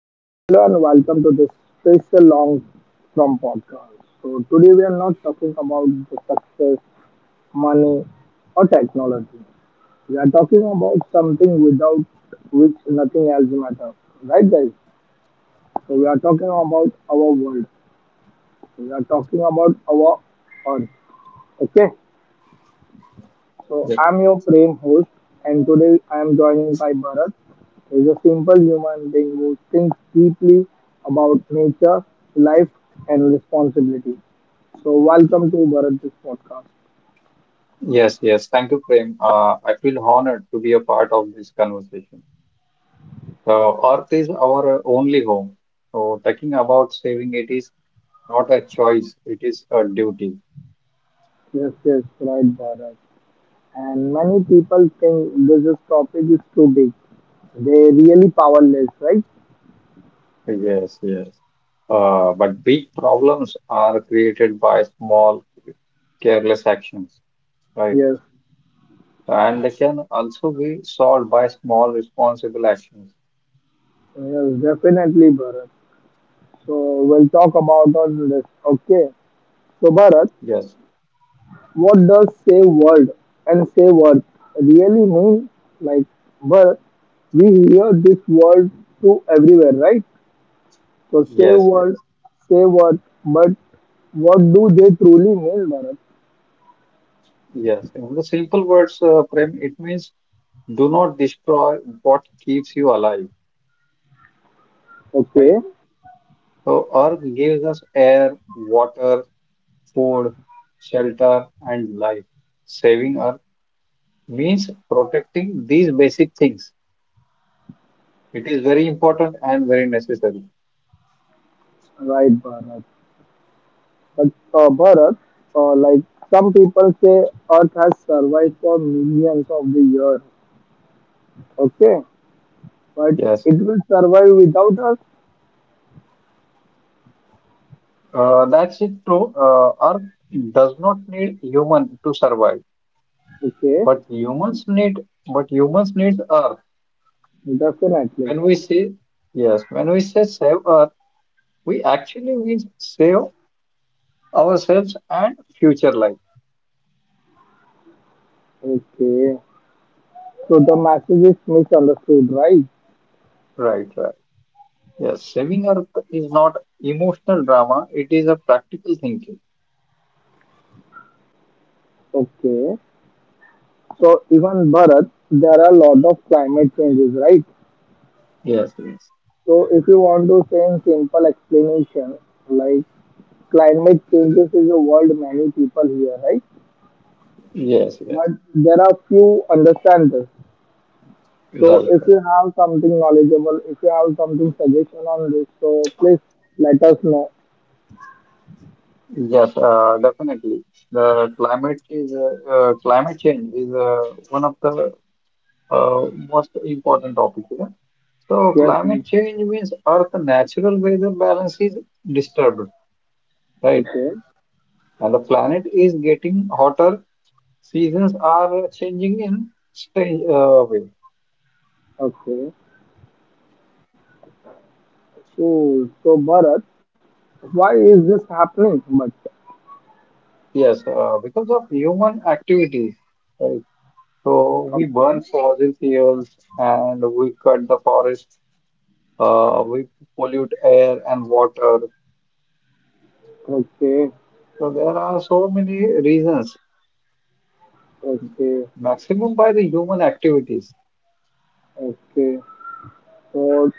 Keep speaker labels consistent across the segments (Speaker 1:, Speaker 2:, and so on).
Speaker 1: So, hello and welcome to this special long from podcast. So, today we are not talking about the success, money, or technology. We are talking about something without which nothing else matters, right, guys? So, we are talking about our world. We are talking about our earth. Okay, so
Speaker 2: Yes,
Speaker 1: I'm your Prem host, and today I'm joined by Bharat, who is a simple human being who thinks deeply about nature, life, and responsibility. So welcome to Bharat this podcast.
Speaker 2: yes. Thank you, Prem. I feel honored to be a part of this conversation. So, Earth is our only home. So, talking about saving it is not a choice, it is a duty.
Speaker 1: Yes, yes, right, Bharat. And many people think this is topic is too big. They really powerless, right?
Speaker 2: Yes, yes. But big problems are created by small, careless actions, right?
Speaker 1: Yes,
Speaker 2: And they can also be solved by small, responsible actions.
Speaker 1: yes, definitely, Bharat. So we'll talk about on this. Okay. So Bharat,
Speaker 2: Yes,
Speaker 1: what does save world and save earth really mean? Like, but we hear this word to everywhere, right? So save
Speaker 2: yes,
Speaker 1: world,
Speaker 2: yes,
Speaker 1: save earth, but what do they truly mean, Bharat?
Speaker 2: yes. In the simple words, Prem, it means do not destroy what keeps you alive, right?
Speaker 1: Okay,
Speaker 2: So Earth gives us air, water, food, shelter, and life. Saving Earth means protecting these basic things. It is very important and very necessary.
Speaker 1: right, Bharat. But Bharat, like some people say, Earth has survived for millions of the years. Okay, but
Speaker 2: Yes,
Speaker 1: it will survive without us.
Speaker 2: that's it. True. Earth does not need human to survive,
Speaker 1: Okay,
Speaker 2: but humans need Earth.
Speaker 1: definitely.
Speaker 2: When we say yes, when we say save Earth, we actually means save ourselves and future life.
Speaker 1: Okay, so the message is misunderstood, right?
Speaker 2: Right. Yes, saving earth is not emotional drama, it is a practical thinking.
Speaker 1: Okay. So even Bharat, there are a lot of climate changes, right?
Speaker 2: Yes, yes,
Speaker 1: So if you want to say in simple explanation, like climate changes is a world many people here, right?
Speaker 2: yes, yes.
Speaker 1: But there are few understand this. So
Speaker 2: Right.
Speaker 1: if
Speaker 2: right.
Speaker 1: you have something knowledgeable, if you have something suggestion on this, so please let us know.
Speaker 2: Yes, Definitely. The climate is Climate change is one of the most important topics. Yeah? So
Speaker 1: Yes, yes.
Speaker 2: climate change means Earth natural weather balance is disturbed, right?
Speaker 1: Okay.
Speaker 2: And the planet is getting hotter. Seasons are changing in strange way.
Speaker 1: Okay. Cool. So Bharat, why is this happening? But
Speaker 2: Yes, because of human activities, right? So we burn
Speaker 1: okay.
Speaker 2: fossil fuels and we cut the forest, we pollute air and water.
Speaker 1: Okay,
Speaker 2: So there are so many reasons,
Speaker 1: okay,
Speaker 2: maximum by the human activities.
Speaker 1: okay. So,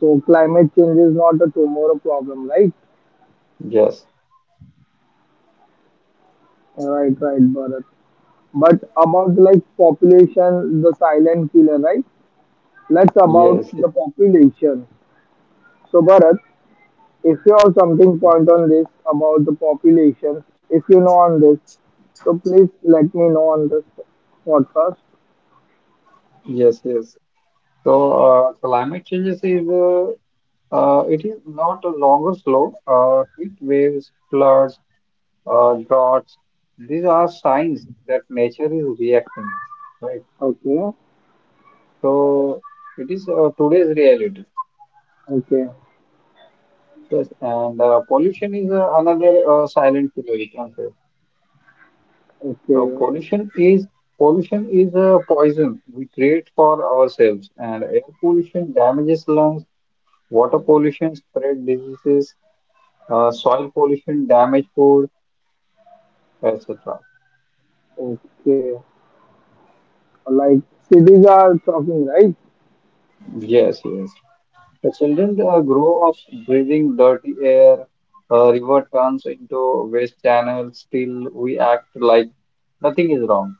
Speaker 1: so climate change is not a tomorrow problem, right?
Speaker 2: Yes,
Speaker 1: Right, right, Bharat. But about like population, the silent killer, right? Let's about
Speaker 2: yes,
Speaker 1: the population. So, Bharat, if you have something point on this about the population, if you know on this, so please let me know on this podcast.
Speaker 2: yes, yes. Climate changes is it is not a longer slow. Heat waves, floods, droughts. These are signs that nature is reacting. Right.
Speaker 1: Okay,
Speaker 2: So it is today's reality.
Speaker 1: okay,
Speaker 2: Yes, and pollution is another silent killer, we can say. So
Speaker 1: okay,
Speaker 2: pollution is a poison we create for ourselves, and air pollution damages lungs, water pollution spread diseases, soil pollution damage food, etc.
Speaker 1: okay. Like cities are talking, right?
Speaker 2: Yes, yes. The children grow up breathing dirty air. River turns into waste channels. Still, we act like nothing is wrong.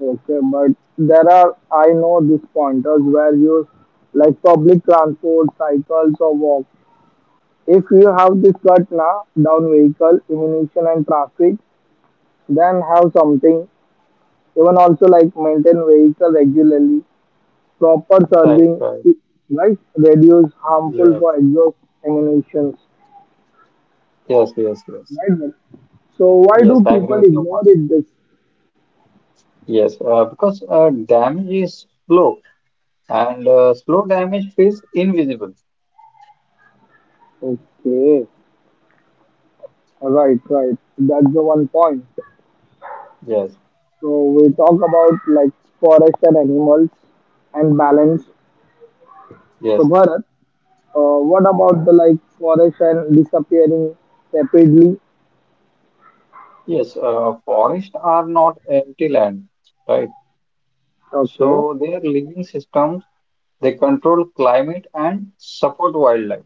Speaker 1: Okay, but there are, I know these pointers where you like public transport, cycles or walk. If you have this cut now, down vehicle, emission and traffic, then have something. Even also like maintain vehicle regularly, proper
Speaker 2: Right,
Speaker 1: serving,
Speaker 2: right.
Speaker 1: right? Reduce harmful
Speaker 2: Yeah.
Speaker 1: for exhaust emissions,
Speaker 2: Yes, yes, yes.
Speaker 1: right? Bharat? So why
Speaker 2: Yes,
Speaker 1: do
Speaker 2: I agree
Speaker 1: people
Speaker 2: with your
Speaker 1: ignore
Speaker 2: point.
Speaker 1: it? This
Speaker 2: Yes, because damage is slow and slow damage feels invisible.
Speaker 1: okay, right, right. That's the one point.
Speaker 2: Yes,
Speaker 1: So we talk about like forest and animals and balance. So
Speaker 2: yes,
Speaker 1: Bharat, what about the like forest and disappearing rapidly?
Speaker 2: yes. Forests are not empty land, right?
Speaker 1: Okay,
Speaker 2: So they are living systems. They control climate and support wildlife.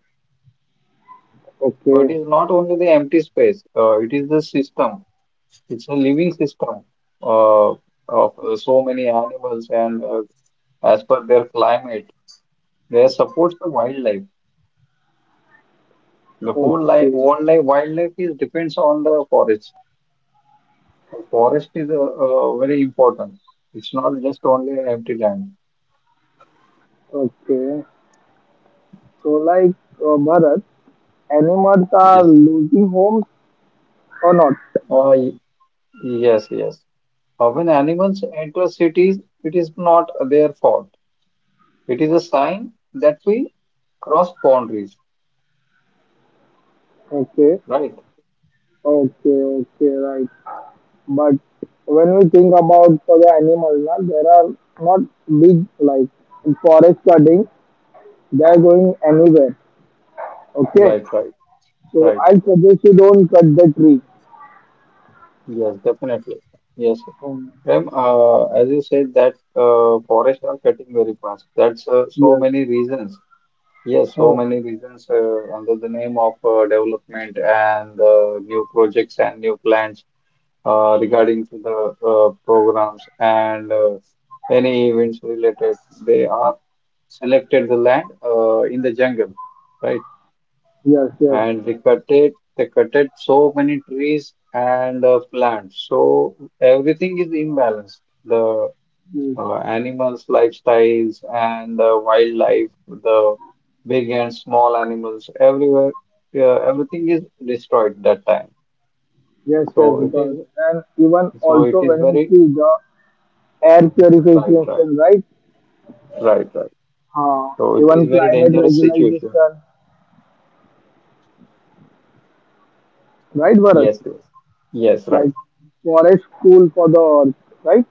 Speaker 2: So it
Speaker 1: okay,
Speaker 2: is not only the empty space. It is the system. It's a living system of so many animals and as per their climate. They supports the wildlife. The whole life,
Speaker 1: okay,
Speaker 2: wildlife is depends on the forest. So Forest is very important. It's not just only an empty land.
Speaker 1: okay. So like Bharat, animals are
Speaker 2: Yes.
Speaker 1: losing homes or not?
Speaker 2: Uh, y- yes. When animals enter cities, it is not their fault. It is a sign that we cross boundaries.
Speaker 1: Okay,
Speaker 2: Right,
Speaker 1: okay, okay, right. But when we think about for the animals, na, there are not big like forest cutting. They are going anywhere. Okay,
Speaker 2: right, right,
Speaker 1: so
Speaker 2: right.
Speaker 1: I suggest you don't cut the tree.
Speaker 2: Yes, definitely. Yes.
Speaker 1: Oh,
Speaker 2: Prem, as you said that forests are cutting very fast. That's so
Speaker 1: yes.
Speaker 2: many reasons. Yes, so
Speaker 1: Oh,
Speaker 2: many reasons under the name of development and new projects and new plans regarding to the programs and any events related. They are selected the land in the jungle, right?
Speaker 1: yes, yes,
Speaker 2: And they cutted so many trees and plants. So everything is imbalanced. The
Speaker 1: yes,
Speaker 2: animals, lifestyles, and wildlife, the big and small animals everywhere. Everything is destroyed that time.
Speaker 1: yes, yes,
Speaker 2: So it
Speaker 1: God.
Speaker 2: is.
Speaker 1: And even
Speaker 2: So it
Speaker 1: also
Speaker 2: is
Speaker 1: when you
Speaker 2: very
Speaker 1: see the air
Speaker 2: right, right,
Speaker 1: purification, right?
Speaker 2: right, right. it is
Speaker 1: Even
Speaker 2: very
Speaker 1: climate
Speaker 2: dangerous situation.
Speaker 1: regulation, right, Bharat?
Speaker 2: Yes, yes, yes, right.
Speaker 1: Like forest cool for the earth, right?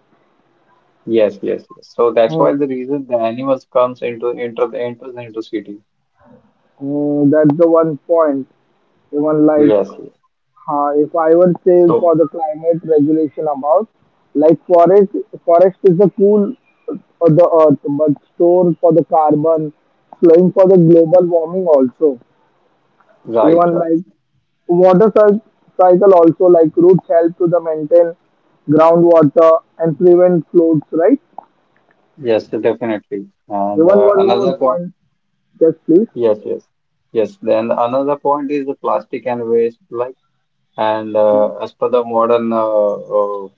Speaker 2: Yes. So that's why
Speaker 1: Hmm.
Speaker 2: the reason the animals comes into enter the enters into city.
Speaker 1: Hmm, that's the one point. Even like
Speaker 2: Yes, yes.
Speaker 1: If I would say for
Speaker 2: So
Speaker 1: the climate regulation about, like forest, forest is the cool of the earth, but store for the carbon, slowing for the global warming also.
Speaker 2: right,
Speaker 1: Even
Speaker 2: right.
Speaker 1: like water cy- cycle also, like roots help to the maintain groundwater and prevent floods, right?
Speaker 2: Yes, definitely. And
Speaker 1: Even one more
Speaker 2: another point.
Speaker 1: point, yes, please.
Speaker 2: Yes, yes, yes. Then another point is the plastic and waste, like, and as per the modern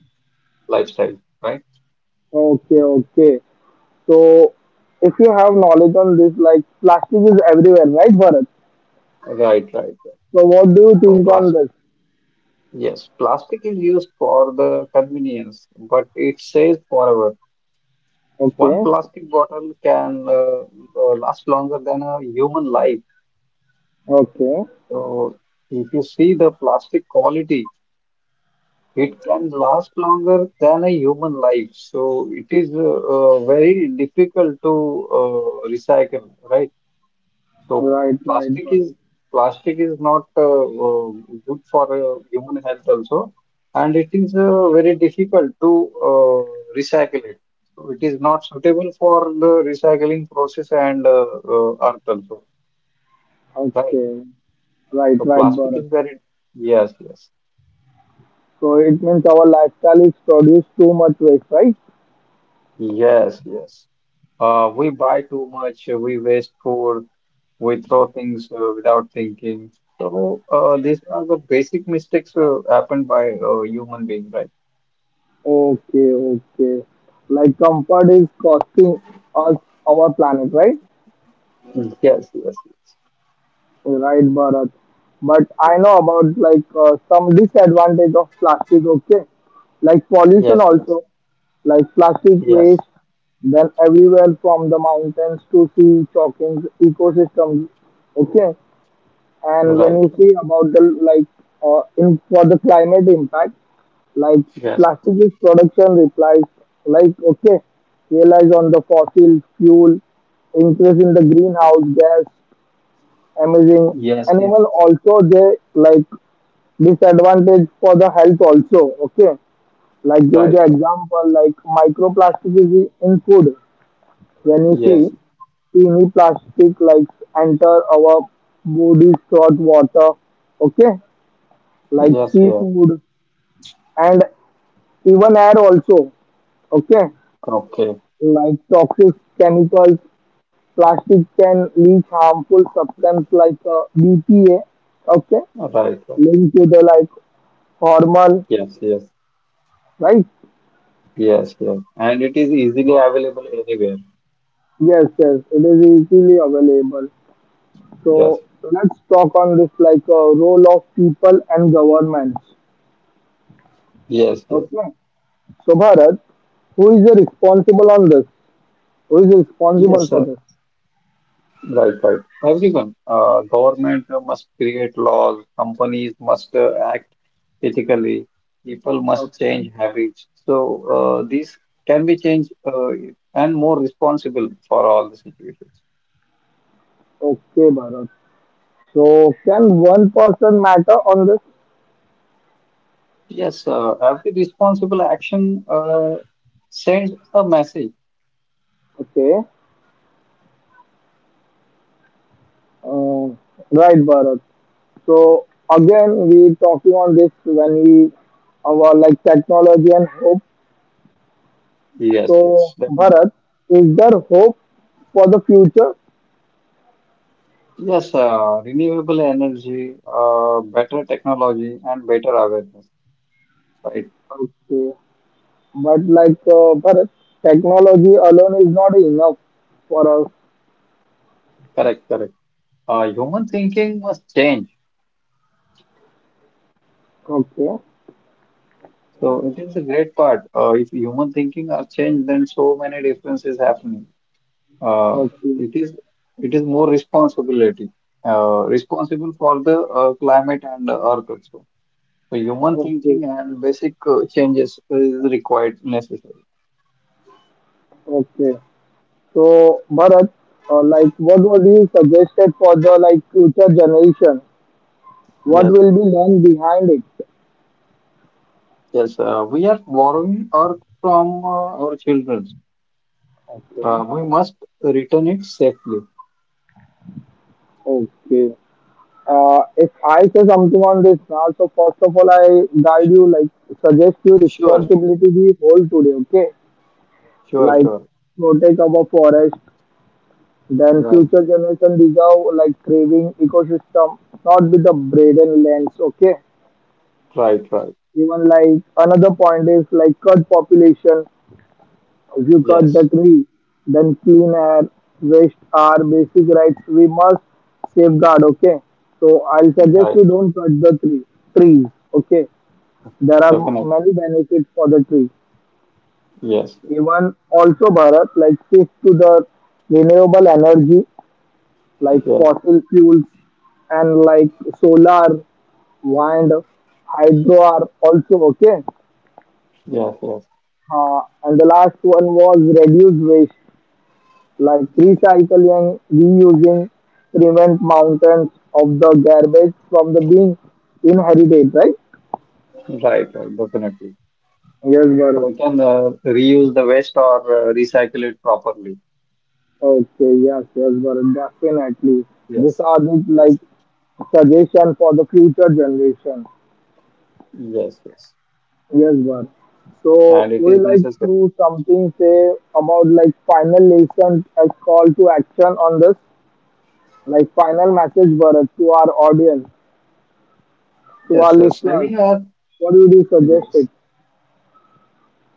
Speaker 2: lifestyle, right?
Speaker 1: Okay, okay. So if you have knowledge on this, like plastic is everywhere, right, Bharat?
Speaker 2: Right, right. right.
Speaker 1: So what do you
Speaker 2: So
Speaker 1: think on
Speaker 2: plastic,
Speaker 1: this?
Speaker 2: yes, Plastic is used for the convenience, but it stays forever. One
Speaker 1: Okay.
Speaker 2: plastic bottle can last longer than a human life.
Speaker 1: Okay.
Speaker 2: So if you see the plastic quality. It can last longer than a human life, so it is very difficult to recycle, right? So
Speaker 1: Right. Right.
Speaker 2: plastic is
Speaker 1: Bharat.
Speaker 2: plastic is not good for human health also, and it is very difficult to recycle it. So it is not suitable for the recycling process and earth also, right?
Speaker 1: Okay. Right.
Speaker 2: So
Speaker 1: Right.
Speaker 2: plastic
Speaker 1: Bharat.
Speaker 2: is very yes, yes,
Speaker 1: So it means our lifestyle is produce too much waste, right?
Speaker 2: yes, yes. We buy too much, we waste food, we throw things without thinking. So these are the basic mistakes happened by human being, right?
Speaker 1: Okay. Okay. Like comfort is costing us our planet, right?
Speaker 2: Mm, yes, yes,
Speaker 1: Right, Bharat. But I know about like some disadvantage of plastic. Okay. Like pollution
Speaker 2: yes, yes, yes,
Speaker 1: also. Like plastic
Speaker 2: yes,
Speaker 1: waste. Then everywhere from the mountains to sea, choking ecosystems. Okay. And when
Speaker 2: right.
Speaker 1: you
Speaker 2: right.
Speaker 1: see about the like in for the climate impact, like
Speaker 2: yes,
Speaker 1: plastic is production replies like okay, relies on the fossil fuel, increase in the greenhouse gas emitting,
Speaker 2: Yes,
Speaker 1: and
Speaker 2: yes.
Speaker 1: even also they like disadvantage for the health also. Okay, like give
Speaker 2: Right,
Speaker 1: the
Speaker 2: right.
Speaker 1: example like microplastic is in food. When you see
Speaker 2: Yes,
Speaker 1: teeny plastic like enter our bodies through water, okay, like
Speaker 2: yes, yeah.
Speaker 1: seafood and even air also, okay,
Speaker 2: Okay.
Speaker 1: like toxic chemicals plastic can leach harmful substance like bpa, okay,
Speaker 2: Right, right.
Speaker 1: linked to the like hormone,
Speaker 2: Yes, yes,
Speaker 1: right?
Speaker 2: yes, yes. And it is easily available anywhere.
Speaker 1: Yes, yes, it is easily available. So
Speaker 2: Yes,
Speaker 1: let's talk on this like role of people and governments.
Speaker 2: yes, yes.
Speaker 1: Okay, so Bharat, who is responsible on this? Who is responsible
Speaker 2: Yes,
Speaker 1: for
Speaker 2: sir.
Speaker 1: this?
Speaker 2: Right, right. Everyone, government must create laws, companies must act ethically, people must
Speaker 1: Okay.
Speaker 2: change habits. So these can be changed and more responsible for all the situations.
Speaker 1: Okay, Bharat. So can one person matter on this?
Speaker 2: Yes, every responsible action sends a message.
Speaker 1: Okay. Uh, right, Bharat. So again, we talking on this when we our like technology and hope.
Speaker 2: Yes, yes,
Speaker 1: So
Speaker 2: definitely.
Speaker 1: Bharat, is there hope for the future?
Speaker 2: Yes, renewable energy, better technology, and better awareness. Right,
Speaker 1: Okay. But like Bharat, technology alone is not enough for us.
Speaker 2: correct. Human thinking must change.
Speaker 1: Okay.
Speaker 2: So it is a great part. If human thinking are changed, then so many differences happening. Uh,
Speaker 1: Okay.
Speaker 2: it is it is more responsibility, responsible for the climate and the earth also. So human
Speaker 1: Okay.
Speaker 2: thinking and basic changes is required necessary.
Speaker 1: Okay. So Bharat, like what would you suggested for the like future generation? What
Speaker 2: Yes,
Speaker 1: will be done behind it?
Speaker 2: yes. We are borrowing earth from our children.
Speaker 1: Okay.
Speaker 2: We must return it safely.
Speaker 1: Okay. If I say something on this now, so first of all, I guide you, like, suggest you
Speaker 2: Sure,
Speaker 1: responsibility we hold today, okay?
Speaker 2: sure,
Speaker 1: Like,
Speaker 2: sure.
Speaker 1: protect our forest, then
Speaker 2: Right,
Speaker 1: future generation deserve, like, craving ecosystem, not with the braden lens, okay?
Speaker 2: right.
Speaker 1: Even, like, another point is, like, cut population. You got
Speaker 2: Yes,
Speaker 1: the tree, then clean air, waste are basic rights we must safeguard. Okay. So I'll suggest
Speaker 2: right.
Speaker 1: you don't cut the tree trees. Okay. There are
Speaker 2: Definitely.
Speaker 1: many benefits for the tree.
Speaker 2: Yes.
Speaker 1: Even also Bharat, like shift to the renewable energy, like
Speaker 2: Yes,
Speaker 1: fossil fuels and like solar, wind, hydro are also okay.
Speaker 2: yes, yes.
Speaker 1: And the last one was reduce waste, like recycling, reusing, prevent mountains of the garbage from the being inherited, right?
Speaker 2: Right, right, definitely.
Speaker 1: Yes,
Speaker 2: So
Speaker 1: Bharat.
Speaker 2: we can reuse the waste or recycle it properly.
Speaker 1: Okay, yes, yes, Bharat, definitely. These
Speaker 2: Yes,
Speaker 1: are the
Speaker 2: yes,
Speaker 1: like suggestion for the future generation.
Speaker 2: yes, yes.
Speaker 1: Yes, Bharat. So
Speaker 2: And it
Speaker 1: would
Speaker 2: is
Speaker 1: you like
Speaker 2: necessary.
Speaker 1: to something say about like final lesson a call to action on this? Like final message Bharat to our audience, to our
Speaker 2: Yes,
Speaker 1: listeners.
Speaker 2: saving earth.
Speaker 1: What would you suggest
Speaker 2: Yes,
Speaker 1: it?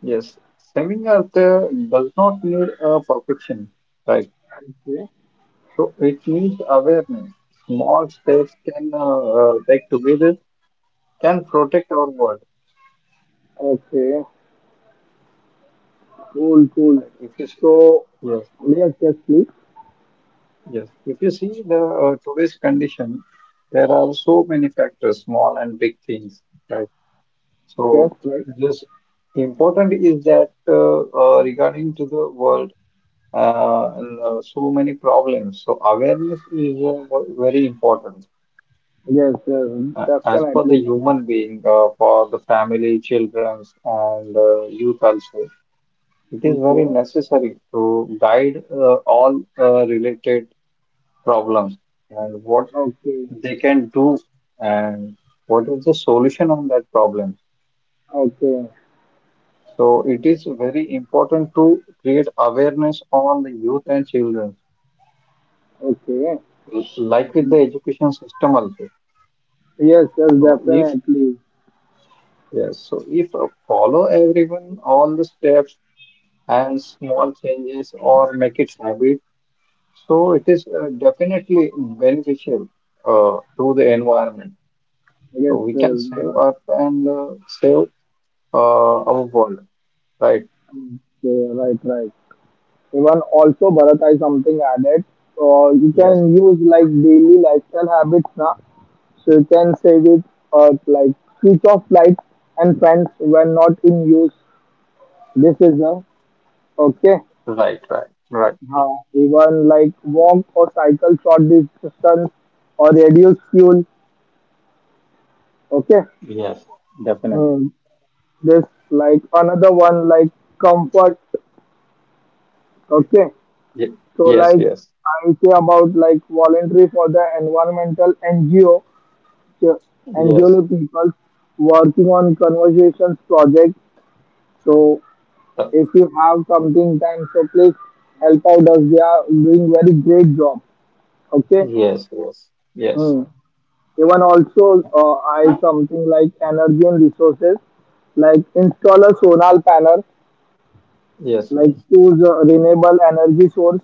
Speaker 2: yes. Saving earth does not need perfection, right?
Speaker 1: Okay.
Speaker 2: So it needs awareness. Small steps can take together can protect our world.
Speaker 1: Okay. Cool, cool.
Speaker 2: Right? If you,
Speaker 1: So,
Speaker 2: yes,
Speaker 1: yes, yes, please.
Speaker 2: Yes, if you see the today's condition, there are so many factors, small and big things, right? So
Speaker 1: Yes, right.
Speaker 2: just important is that regarding to the world, and so many problems. So awareness is very important
Speaker 1: Yes, yes,
Speaker 2: as per the
Speaker 1: definitely, brother.
Speaker 2: human being, for the family, childrens, and youth also. It is
Speaker 1: Okay,
Speaker 2: very necessary to guide all related problems. And what
Speaker 1: okay,
Speaker 2: they can do and what is the solution on that problem.
Speaker 1: okay,
Speaker 2: So it is very important to create awareness on the youth and children,
Speaker 1: okay.
Speaker 2: like with the education system also.
Speaker 1: Yes, yes,
Speaker 2: So if
Speaker 1: definitely.
Speaker 2: yes, so if follow everyone all the steps and small changes or make it habit, so it is definitely beneficial to the environment. So
Speaker 1: Yes, yes,
Speaker 2: we can save
Speaker 1: Bharat.
Speaker 2: Earth and save our world, right?
Speaker 1: Okay, right, right. Even also, Bharat, I something added. So you
Speaker 2: Yes.
Speaker 1: can use like daily lifestyle habits now. So you can save it or like switch off lights and fans when not in use. This is a okay.
Speaker 2: Right.
Speaker 1: Huh. Even like walk or cycle short distance or reduce fuel. Okay.
Speaker 2: Yes, definitely.
Speaker 1: Hmm. This like another one like comfort. Okay.
Speaker 2: Ye-
Speaker 1: So
Speaker 2: yes,
Speaker 1: like
Speaker 2: yes,
Speaker 1: I say about like voluntary for the environmental NGO, so
Speaker 2: yes,
Speaker 1: NGO people working on conversations project. So
Speaker 2: Uh,
Speaker 1: if you have something time, so please help out us. They are doing very great job. Okay.
Speaker 2: yes, yes, yes,
Speaker 1: Hmm. Even also I something like energy and resources, like install a solar panel,
Speaker 2: yes,
Speaker 1: like
Speaker 2: yes,
Speaker 1: choose a renewable energy source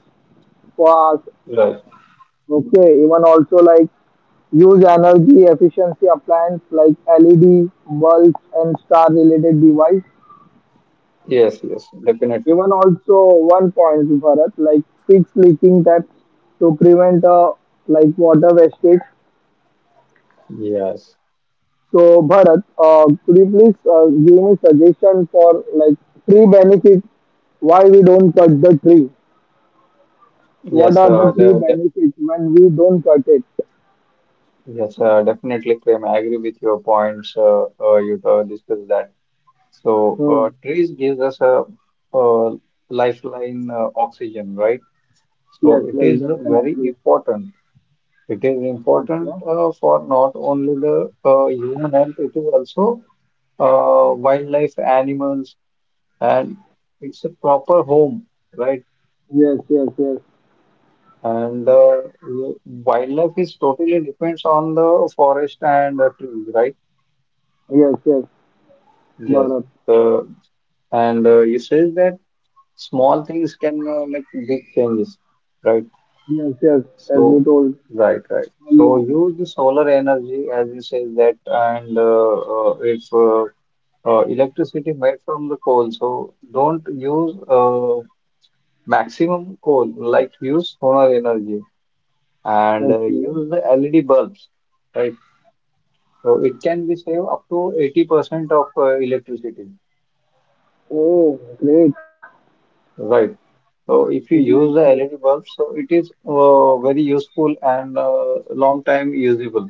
Speaker 1: for us.
Speaker 2: right,
Speaker 1: Okay, even also like use energy efficiency appliance like LED bulbs and star related device.
Speaker 2: yes, yes, definitely,
Speaker 1: Even also one point for us like fix leaking taps to prevent like water wastage.
Speaker 2: yes,
Speaker 1: So Bharat, could you please give me suggestion for like tree benefit? Why we don't cut the tree? What
Speaker 2: yes,
Speaker 1: are the tree
Speaker 2: the,
Speaker 1: benefits when we don't cut it?
Speaker 2: yes, Definitely, Prem. I agree with your points. You discussed that. So,
Speaker 1: Hmm.
Speaker 2: trees gives us a, uh lifeline, oxygen, right?
Speaker 1: Yes,
Speaker 2: So, it
Speaker 1: yes,
Speaker 2: is very
Speaker 1: definitely.
Speaker 2: important. It is important
Speaker 1: Okay.
Speaker 2: for not only the human health, it is also wildlife, animals, and it's a proper home, right?
Speaker 1: Yes, yes, yes,
Speaker 2: And wildlife is totally depends on the forest and the trees, right?
Speaker 1: yes, yes,
Speaker 2: Yes.
Speaker 1: Bharat.
Speaker 2: The and You says that small things can make big changes, right?
Speaker 1: Yes, yes, as you
Speaker 2: So,
Speaker 1: told
Speaker 2: right, right. So
Speaker 1: earlier.
Speaker 2: use the solar energy as you says that, and if electricity made from the coal. So don't use maximum coal, like use solar energy and
Speaker 1: Okay.
Speaker 2: use the LED bulbs, right? So it can be save up to 80% of electricity,
Speaker 1: Oh, great,
Speaker 2: right? So if you use
Speaker 1: great,
Speaker 2: the
Speaker 1: great.
Speaker 2: LED bulbs, so it is very useful and long time usable.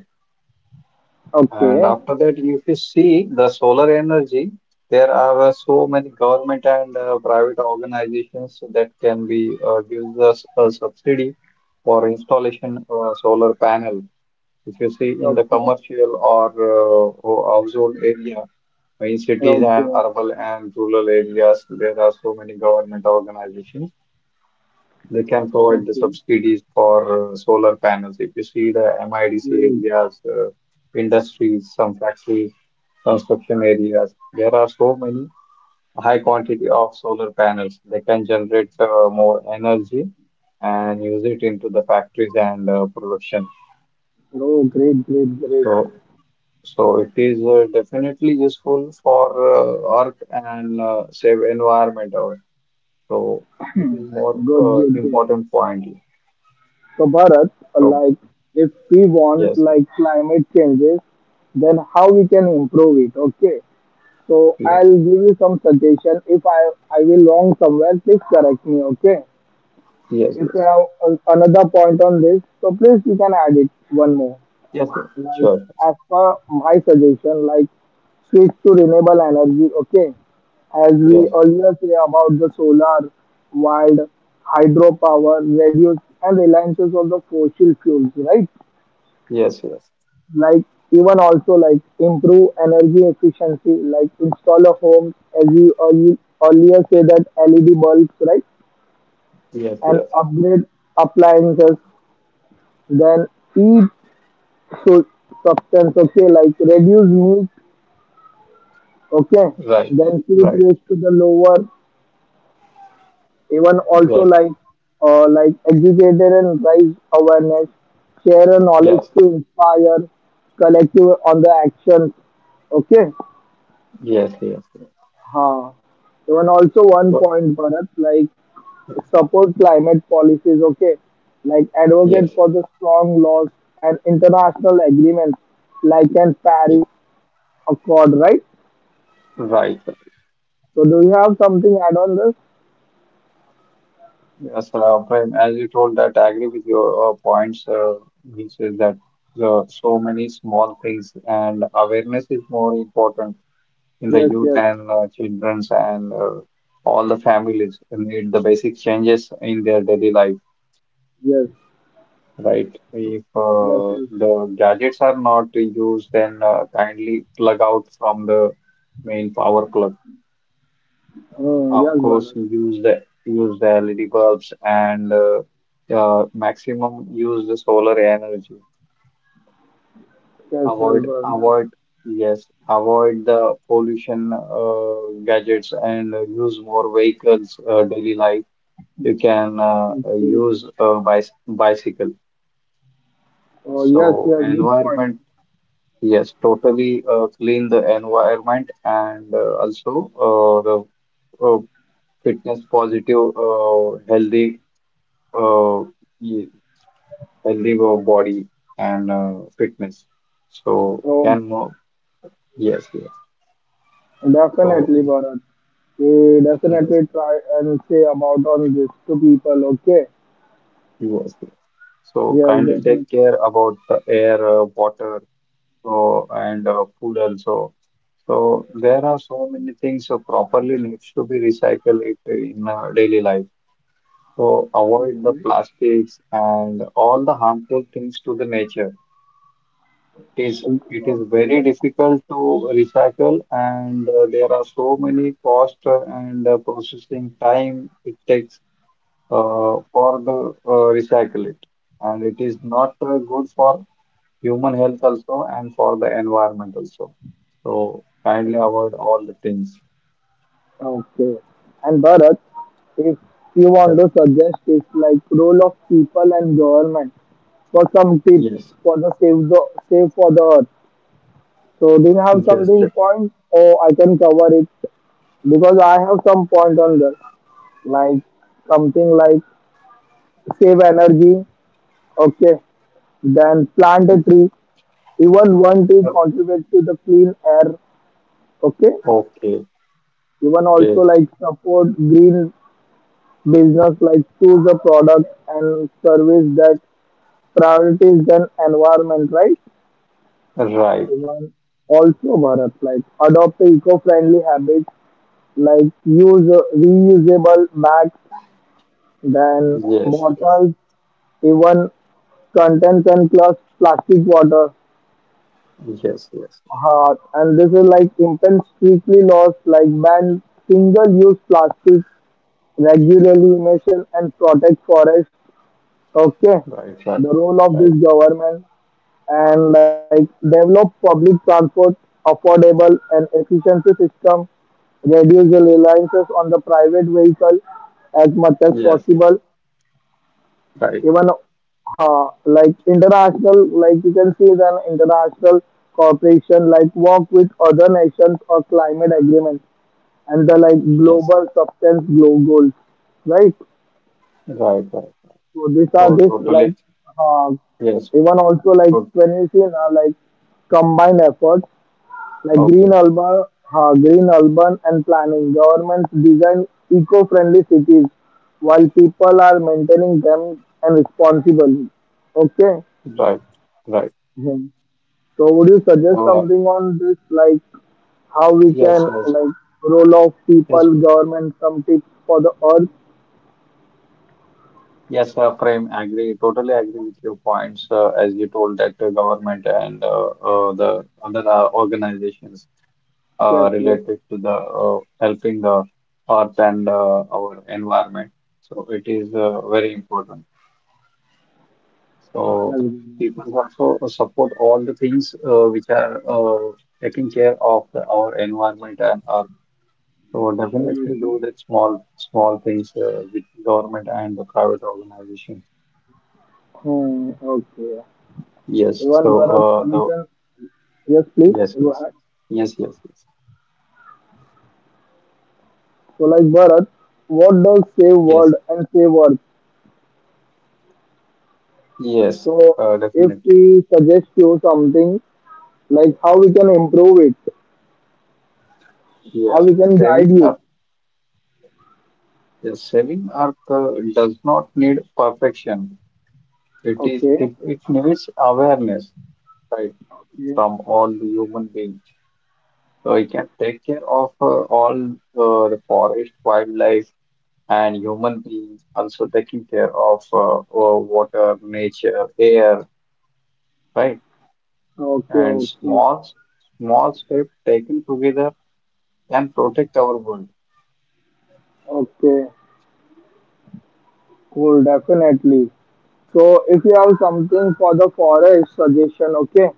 Speaker 1: Okay,
Speaker 2: And
Speaker 1: okay,
Speaker 2: after that, if you see the solar energy, there are so many government and private organizations that can be gives us a subsidy for installation solar panel. If you see in the commercial or household area, in cities and
Speaker 1: okay,
Speaker 2: urban and rural areas, there are so many government organizations they can provide the
Speaker 1: okay.
Speaker 2: subsidies for solar panels. If you see the MIDC
Speaker 1: Hmm.
Speaker 2: areas, industries, some factories, construction areas, there are so many high quantity of solar panels. They can generate more energy and use it into the factories and production.
Speaker 1: Oh, great, great, great.
Speaker 2: So, so it is definitely useful for Earth and save environment. Also. So it is more
Speaker 1: Good, good, good.
Speaker 2: important point.
Speaker 1: So Bharat,
Speaker 2: So
Speaker 1: like if we want
Speaker 2: yes,
Speaker 1: like climate changes, then how we can improve it? Okay. So
Speaker 2: yes.
Speaker 1: I'll give you some suggestion. If I will wrong somewhere, please correct me. Okay.
Speaker 2: Yes,
Speaker 1: If you
Speaker 2: yes,
Speaker 1: have another point on this, so please you can add it one more.
Speaker 2: yes, yes.
Speaker 1: Like
Speaker 2: Sure.
Speaker 1: as per my suggestion, like switch to renewable energy. Okay, as we
Speaker 2: Yes,
Speaker 1: earlier say about the solar, wind, hydropower, reduce and reliances of the fossil fuels. Right,
Speaker 2: yes, yes,
Speaker 1: like even also like improve energy efficiency. Like install a home as we earlier say that LED bulbs. Right,
Speaker 2: yes,
Speaker 1: and
Speaker 2: yes.
Speaker 1: upgrade appliances. Then eat so substance. Okay, like reduce meat, okay,
Speaker 2: Right,
Speaker 1: then keep
Speaker 2: right.
Speaker 1: raise to the lower. Even also
Speaker 2: Yes,
Speaker 1: like educated and raise awareness, share a knowledge
Speaker 2: yes,
Speaker 1: to inspire collective on the actions. Okay,
Speaker 2: yes, yes, yes.
Speaker 1: huh. Even also one
Speaker 2: So-
Speaker 1: point Bharat like support climate policies. Okay, like advocate
Speaker 2: Yes,
Speaker 1: for the strong laws and international agreements like an
Speaker 2: yes.
Speaker 1: Paris Accord, right?
Speaker 2: Right.
Speaker 1: So do you have something add on this?
Speaker 2: Yes, Prem, as you told that, I agree with your points, which is that the so many small things and awareness is more important in the
Speaker 1: Yes,
Speaker 2: youth
Speaker 1: yes,
Speaker 2: and children's and all the families need the basic changes in their daily life.
Speaker 1: yes,
Speaker 2: Right. If
Speaker 1: yes, yes.
Speaker 2: the gadgets are not used, then kindly plug out from the main power plug.
Speaker 1: Oh, yes,
Speaker 2: Of course,
Speaker 1: Bharat.
Speaker 2: use the LED bulbs and maximum use the solar energy.
Speaker 1: Yes, yes,
Speaker 2: Avoid
Speaker 1: Bharat.
Speaker 2: avoid yes avoid the pollution gadgets and use more vehicles daily life. You can
Speaker 1: Absolutely.
Speaker 2: use a bicycle.
Speaker 1: Oh, yes,
Speaker 2: So
Speaker 1: yes, good point.
Speaker 2: environment. Yes, totally clean the environment and also the fitness positive, healthy, uh, ye- healthy body and fitness. So
Speaker 1: So,
Speaker 2: can more, yes, yes. So
Speaker 1: definitely, Bharat. We
Speaker 2: yes,
Speaker 1: definitely try and say about all this to people, okay?
Speaker 2: yes, yes. So
Speaker 1: Yes,
Speaker 2: kindly
Speaker 1: definitely.
Speaker 2: take care about the air, water, and food also. So there are so many things properly needs to be recycled it in daily life. So avoid the
Speaker 1: Okay.
Speaker 2: plastics and all the harmful things to the nature. It is very
Speaker 1: Okay.
Speaker 2: difficult to recycle, and there are so many cost and processing time it takes for the recycle it, and it is not good for human health also and for the environment also. So kindly avoid all the things.
Speaker 1: Okay. And Bharat, if you
Speaker 2: Uh,
Speaker 1: want to suggest, it's like role of people and government for some tips
Speaker 2: Yes,
Speaker 1: for the save for the earth. So do you have
Speaker 2: yes,
Speaker 1: something
Speaker 2: yes.
Speaker 1: point or I can cover it? Because I have some point on that, like something like save energy, okay, then plant a tree. Even one tree
Speaker 2: Uh,
Speaker 1: contributes to the clean air, okay.
Speaker 2: Okay,
Speaker 1: Even also
Speaker 2: okay,
Speaker 1: like support green business, like choose a product and service that priorities than environment, right?
Speaker 2: right.
Speaker 1: Even also Bharat, like adopt the eco-friendly habits, like use reusable bags, then
Speaker 2: Yes, yes.
Speaker 1: bottles even contents and plus plastic water.
Speaker 2: Yes, yes.
Speaker 1: And this is like impact strictly laws like ban single-use plastic, regularly emission and protect forest. Okay,
Speaker 2: Right, right,
Speaker 1: the role of this
Speaker 2: right.
Speaker 1: government and like develop public transport affordable and efficiency system, reduce the reliances on the private vehicle as much as
Speaker 2: Yes,
Speaker 1: possible,
Speaker 2: right.
Speaker 1: even like international, like you can see an international corporation like work with other nations or climate agreement and the like
Speaker 2: Yes,
Speaker 1: global substance glow goals, right?
Speaker 2: right, right.
Speaker 1: So these are
Speaker 2: Oh,
Speaker 1: this
Speaker 2: totally.
Speaker 1: like uh,
Speaker 2: Yes,
Speaker 1: even also like
Speaker 2: good.
Speaker 1: when you see now like combined efforts like
Speaker 2: Okay,
Speaker 1: green urban and planning. Governments design eco-friendly cities while people are maintaining them and responsibly. Okay.
Speaker 2: right, right.
Speaker 1: Mhm. So would you suggest
Speaker 2: Uh,
Speaker 1: something on this, like how we can
Speaker 2: yes, yes,
Speaker 1: like role of
Speaker 2: yes,
Speaker 1: people, government, some tips for the earth?
Speaker 2: yes, Prem, agree. Totally agree with your points. As you told that the government and the other organizations
Speaker 1: Yes, yes,
Speaker 2: related to the helping the earth and our environment. So it is very important.
Speaker 1: yes.
Speaker 2: So
Speaker 1: Ganesh.
Speaker 2: people also support all the things which are taking care of our environment and earth. So definitely
Speaker 1: Obviously.
Speaker 2: do that small small things with government and the private organization.
Speaker 1: Hmm, okay.
Speaker 2: Yes.
Speaker 1: Even
Speaker 2: So
Speaker 1: Bharat, you
Speaker 2: the
Speaker 1: can yes, please
Speaker 2: yes,
Speaker 1: go
Speaker 2: yes,
Speaker 1: ahead.
Speaker 2: yes, yes, yes,
Speaker 1: So like Bharat, what does save
Speaker 2: yes,
Speaker 1: world and save earth?
Speaker 2: yes,
Speaker 1: So if
Speaker 2: definitely
Speaker 1: we suggest you something, like how we can improve it, how
Speaker 2: yes.
Speaker 1: we can guide
Speaker 2: Saving
Speaker 1: you.
Speaker 2: up Yes, saving earth does not need perfection. It is
Speaker 1: Okay.
Speaker 2: it, it needs awareness, right,
Speaker 1: Okay.
Speaker 2: from all the human beings. It can take care of all the forest, wildlife, and human beings, also taking care of water, nature, air, right?
Speaker 1: Okay.
Speaker 2: And
Speaker 1: Okay.
Speaker 2: small, small steps taken together can protect our world.
Speaker 1: Okay. Cool, definitely. So if you have something for the forest suggestion, okay?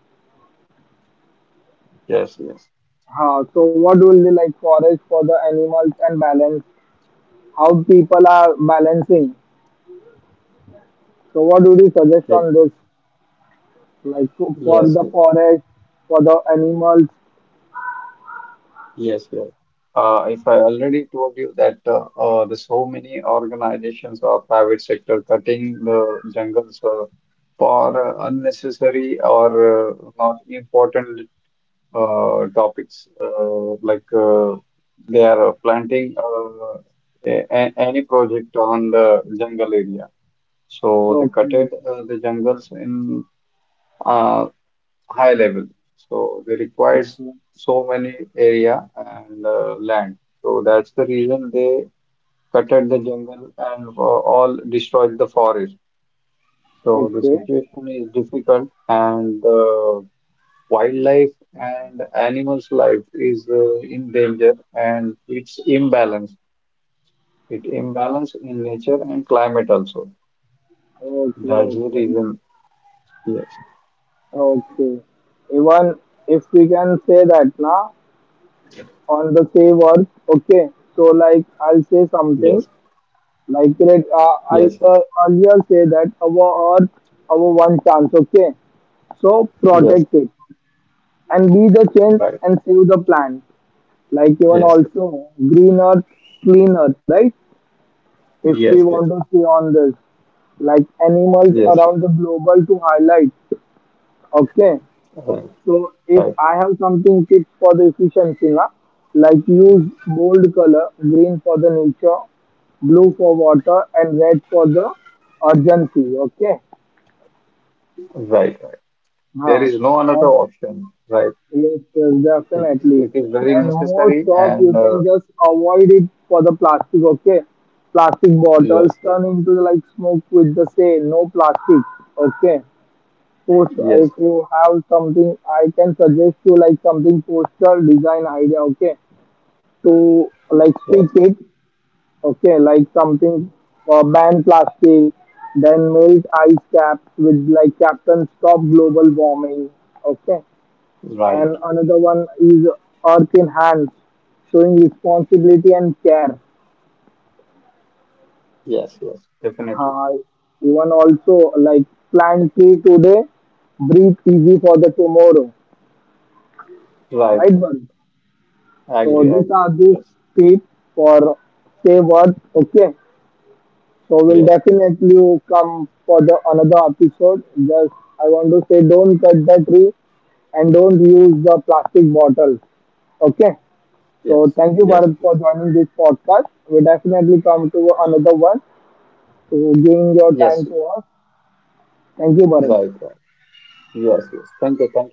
Speaker 2: Yes, yes,
Speaker 1: Huh, so what will be like forest for the animals and balance? How people are balancing? So what would you suggest
Speaker 2: Ye-
Speaker 1: on this? Like for
Speaker 2: yes,
Speaker 1: the
Speaker 2: yes,
Speaker 1: forest, for the animals?
Speaker 2: yes, yes. If I already told you that the so many organizations or private sector cutting the jungles for unnecessary or not important topics they are planting any project on the jungle area. So they
Speaker 1: Okay,
Speaker 2: cutted the jungles in uh, high level. So they requires
Speaker 1: okay,
Speaker 2: so many area and land. So that's the reason they cutted the jungle and all destroyed the forest. So the
Speaker 1: okay,
Speaker 2: situation is difficult and wildlife and animals' life is in danger and it's imbalance. It imbalance in nature and climate also. That's
Speaker 1: okay,
Speaker 2: the reason. Yes,
Speaker 1: okay. Even if we can say that now on the save earth, okay. So like I'll say something.
Speaker 2: yes,
Speaker 1: Like it, uh, I
Speaker 2: yes, yes,
Speaker 1: uh, earlier say that our earth, our one chance. Okay, so
Speaker 2: yes,
Speaker 1: protect it and be the change
Speaker 2: right.
Speaker 1: and save the planet. Like even
Speaker 2: Yes,
Speaker 1: also green earth, clean earth, right? If we
Speaker 2: yes, yes,
Speaker 1: want to see on this, like animals
Speaker 2: yes,
Speaker 1: around the global to highlight. Okay,
Speaker 2: right,
Speaker 1: so if
Speaker 2: right,
Speaker 1: I have something tips for the efficiency, na, like use bold color, green for the nature, blue for water, and red for the urgency. Okay,
Speaker 2: right. There
Speaker 1: huh.
Speaker 2: is no another
Speaker 1: And
Speaker 2: option, right?
Speaker 1: yes, yes,
Speaker 2: It,
Speaker 1: definitely.
Speaker 2: it is very
Speaker 1: And most
Speaker 2: necessary
Speaker 1: of you
Speaker 2: and
Speaker 1: can just avoid it for the plastic. Okay, plastic bottles
Speaker 2: yes, yes,
Speaker 1: turn into like smoke with the say no plastic. Okay, post
Speaker 2: yes,
Speaker 1: if you have something, I can suggest you like something poster design idea, okay, to like speak
Speaker 2: yes, yes,
Speaker 1: it, okay, like something, ban plastic, then melt ice caps with like captain stop global warming, okay,
Speaker 2: right.
Speaker 1: and another one is earth in hands showing responsibility and care.
Speaker 2: Yes, yes, definitely.
Speaker 1: uh, even also like plant tree today breathe easy for the tomorrow,
Speaker 2: Right.
Speaker 1: right, Varun? So
Speaker 2: I
Speaker 1: these
Speaker 2: agree.
Speaker 1: are the
Speaker 2: Yes,
Speaker 1: tips for save earth, okay. So we'll
Speaker 2: yes, yes.
Speaker 1: definitely come for the another episode. Just I want to say, don't cut the tree and don't use the plastic bottle. Okay. So
Speaker 2: Yes,
Speaker 1: thank you
Speaker 2: yes,
Speaker 1: Bharat for joining this podcast. We definitely come to another one. So giving your
Speaker 2: yes,
Speaker 1: time
Speaker 2: yes,
Speaker 1: to us. Thank you Bharat.
Speaker 2: right, right. Yes, yes. Thank you.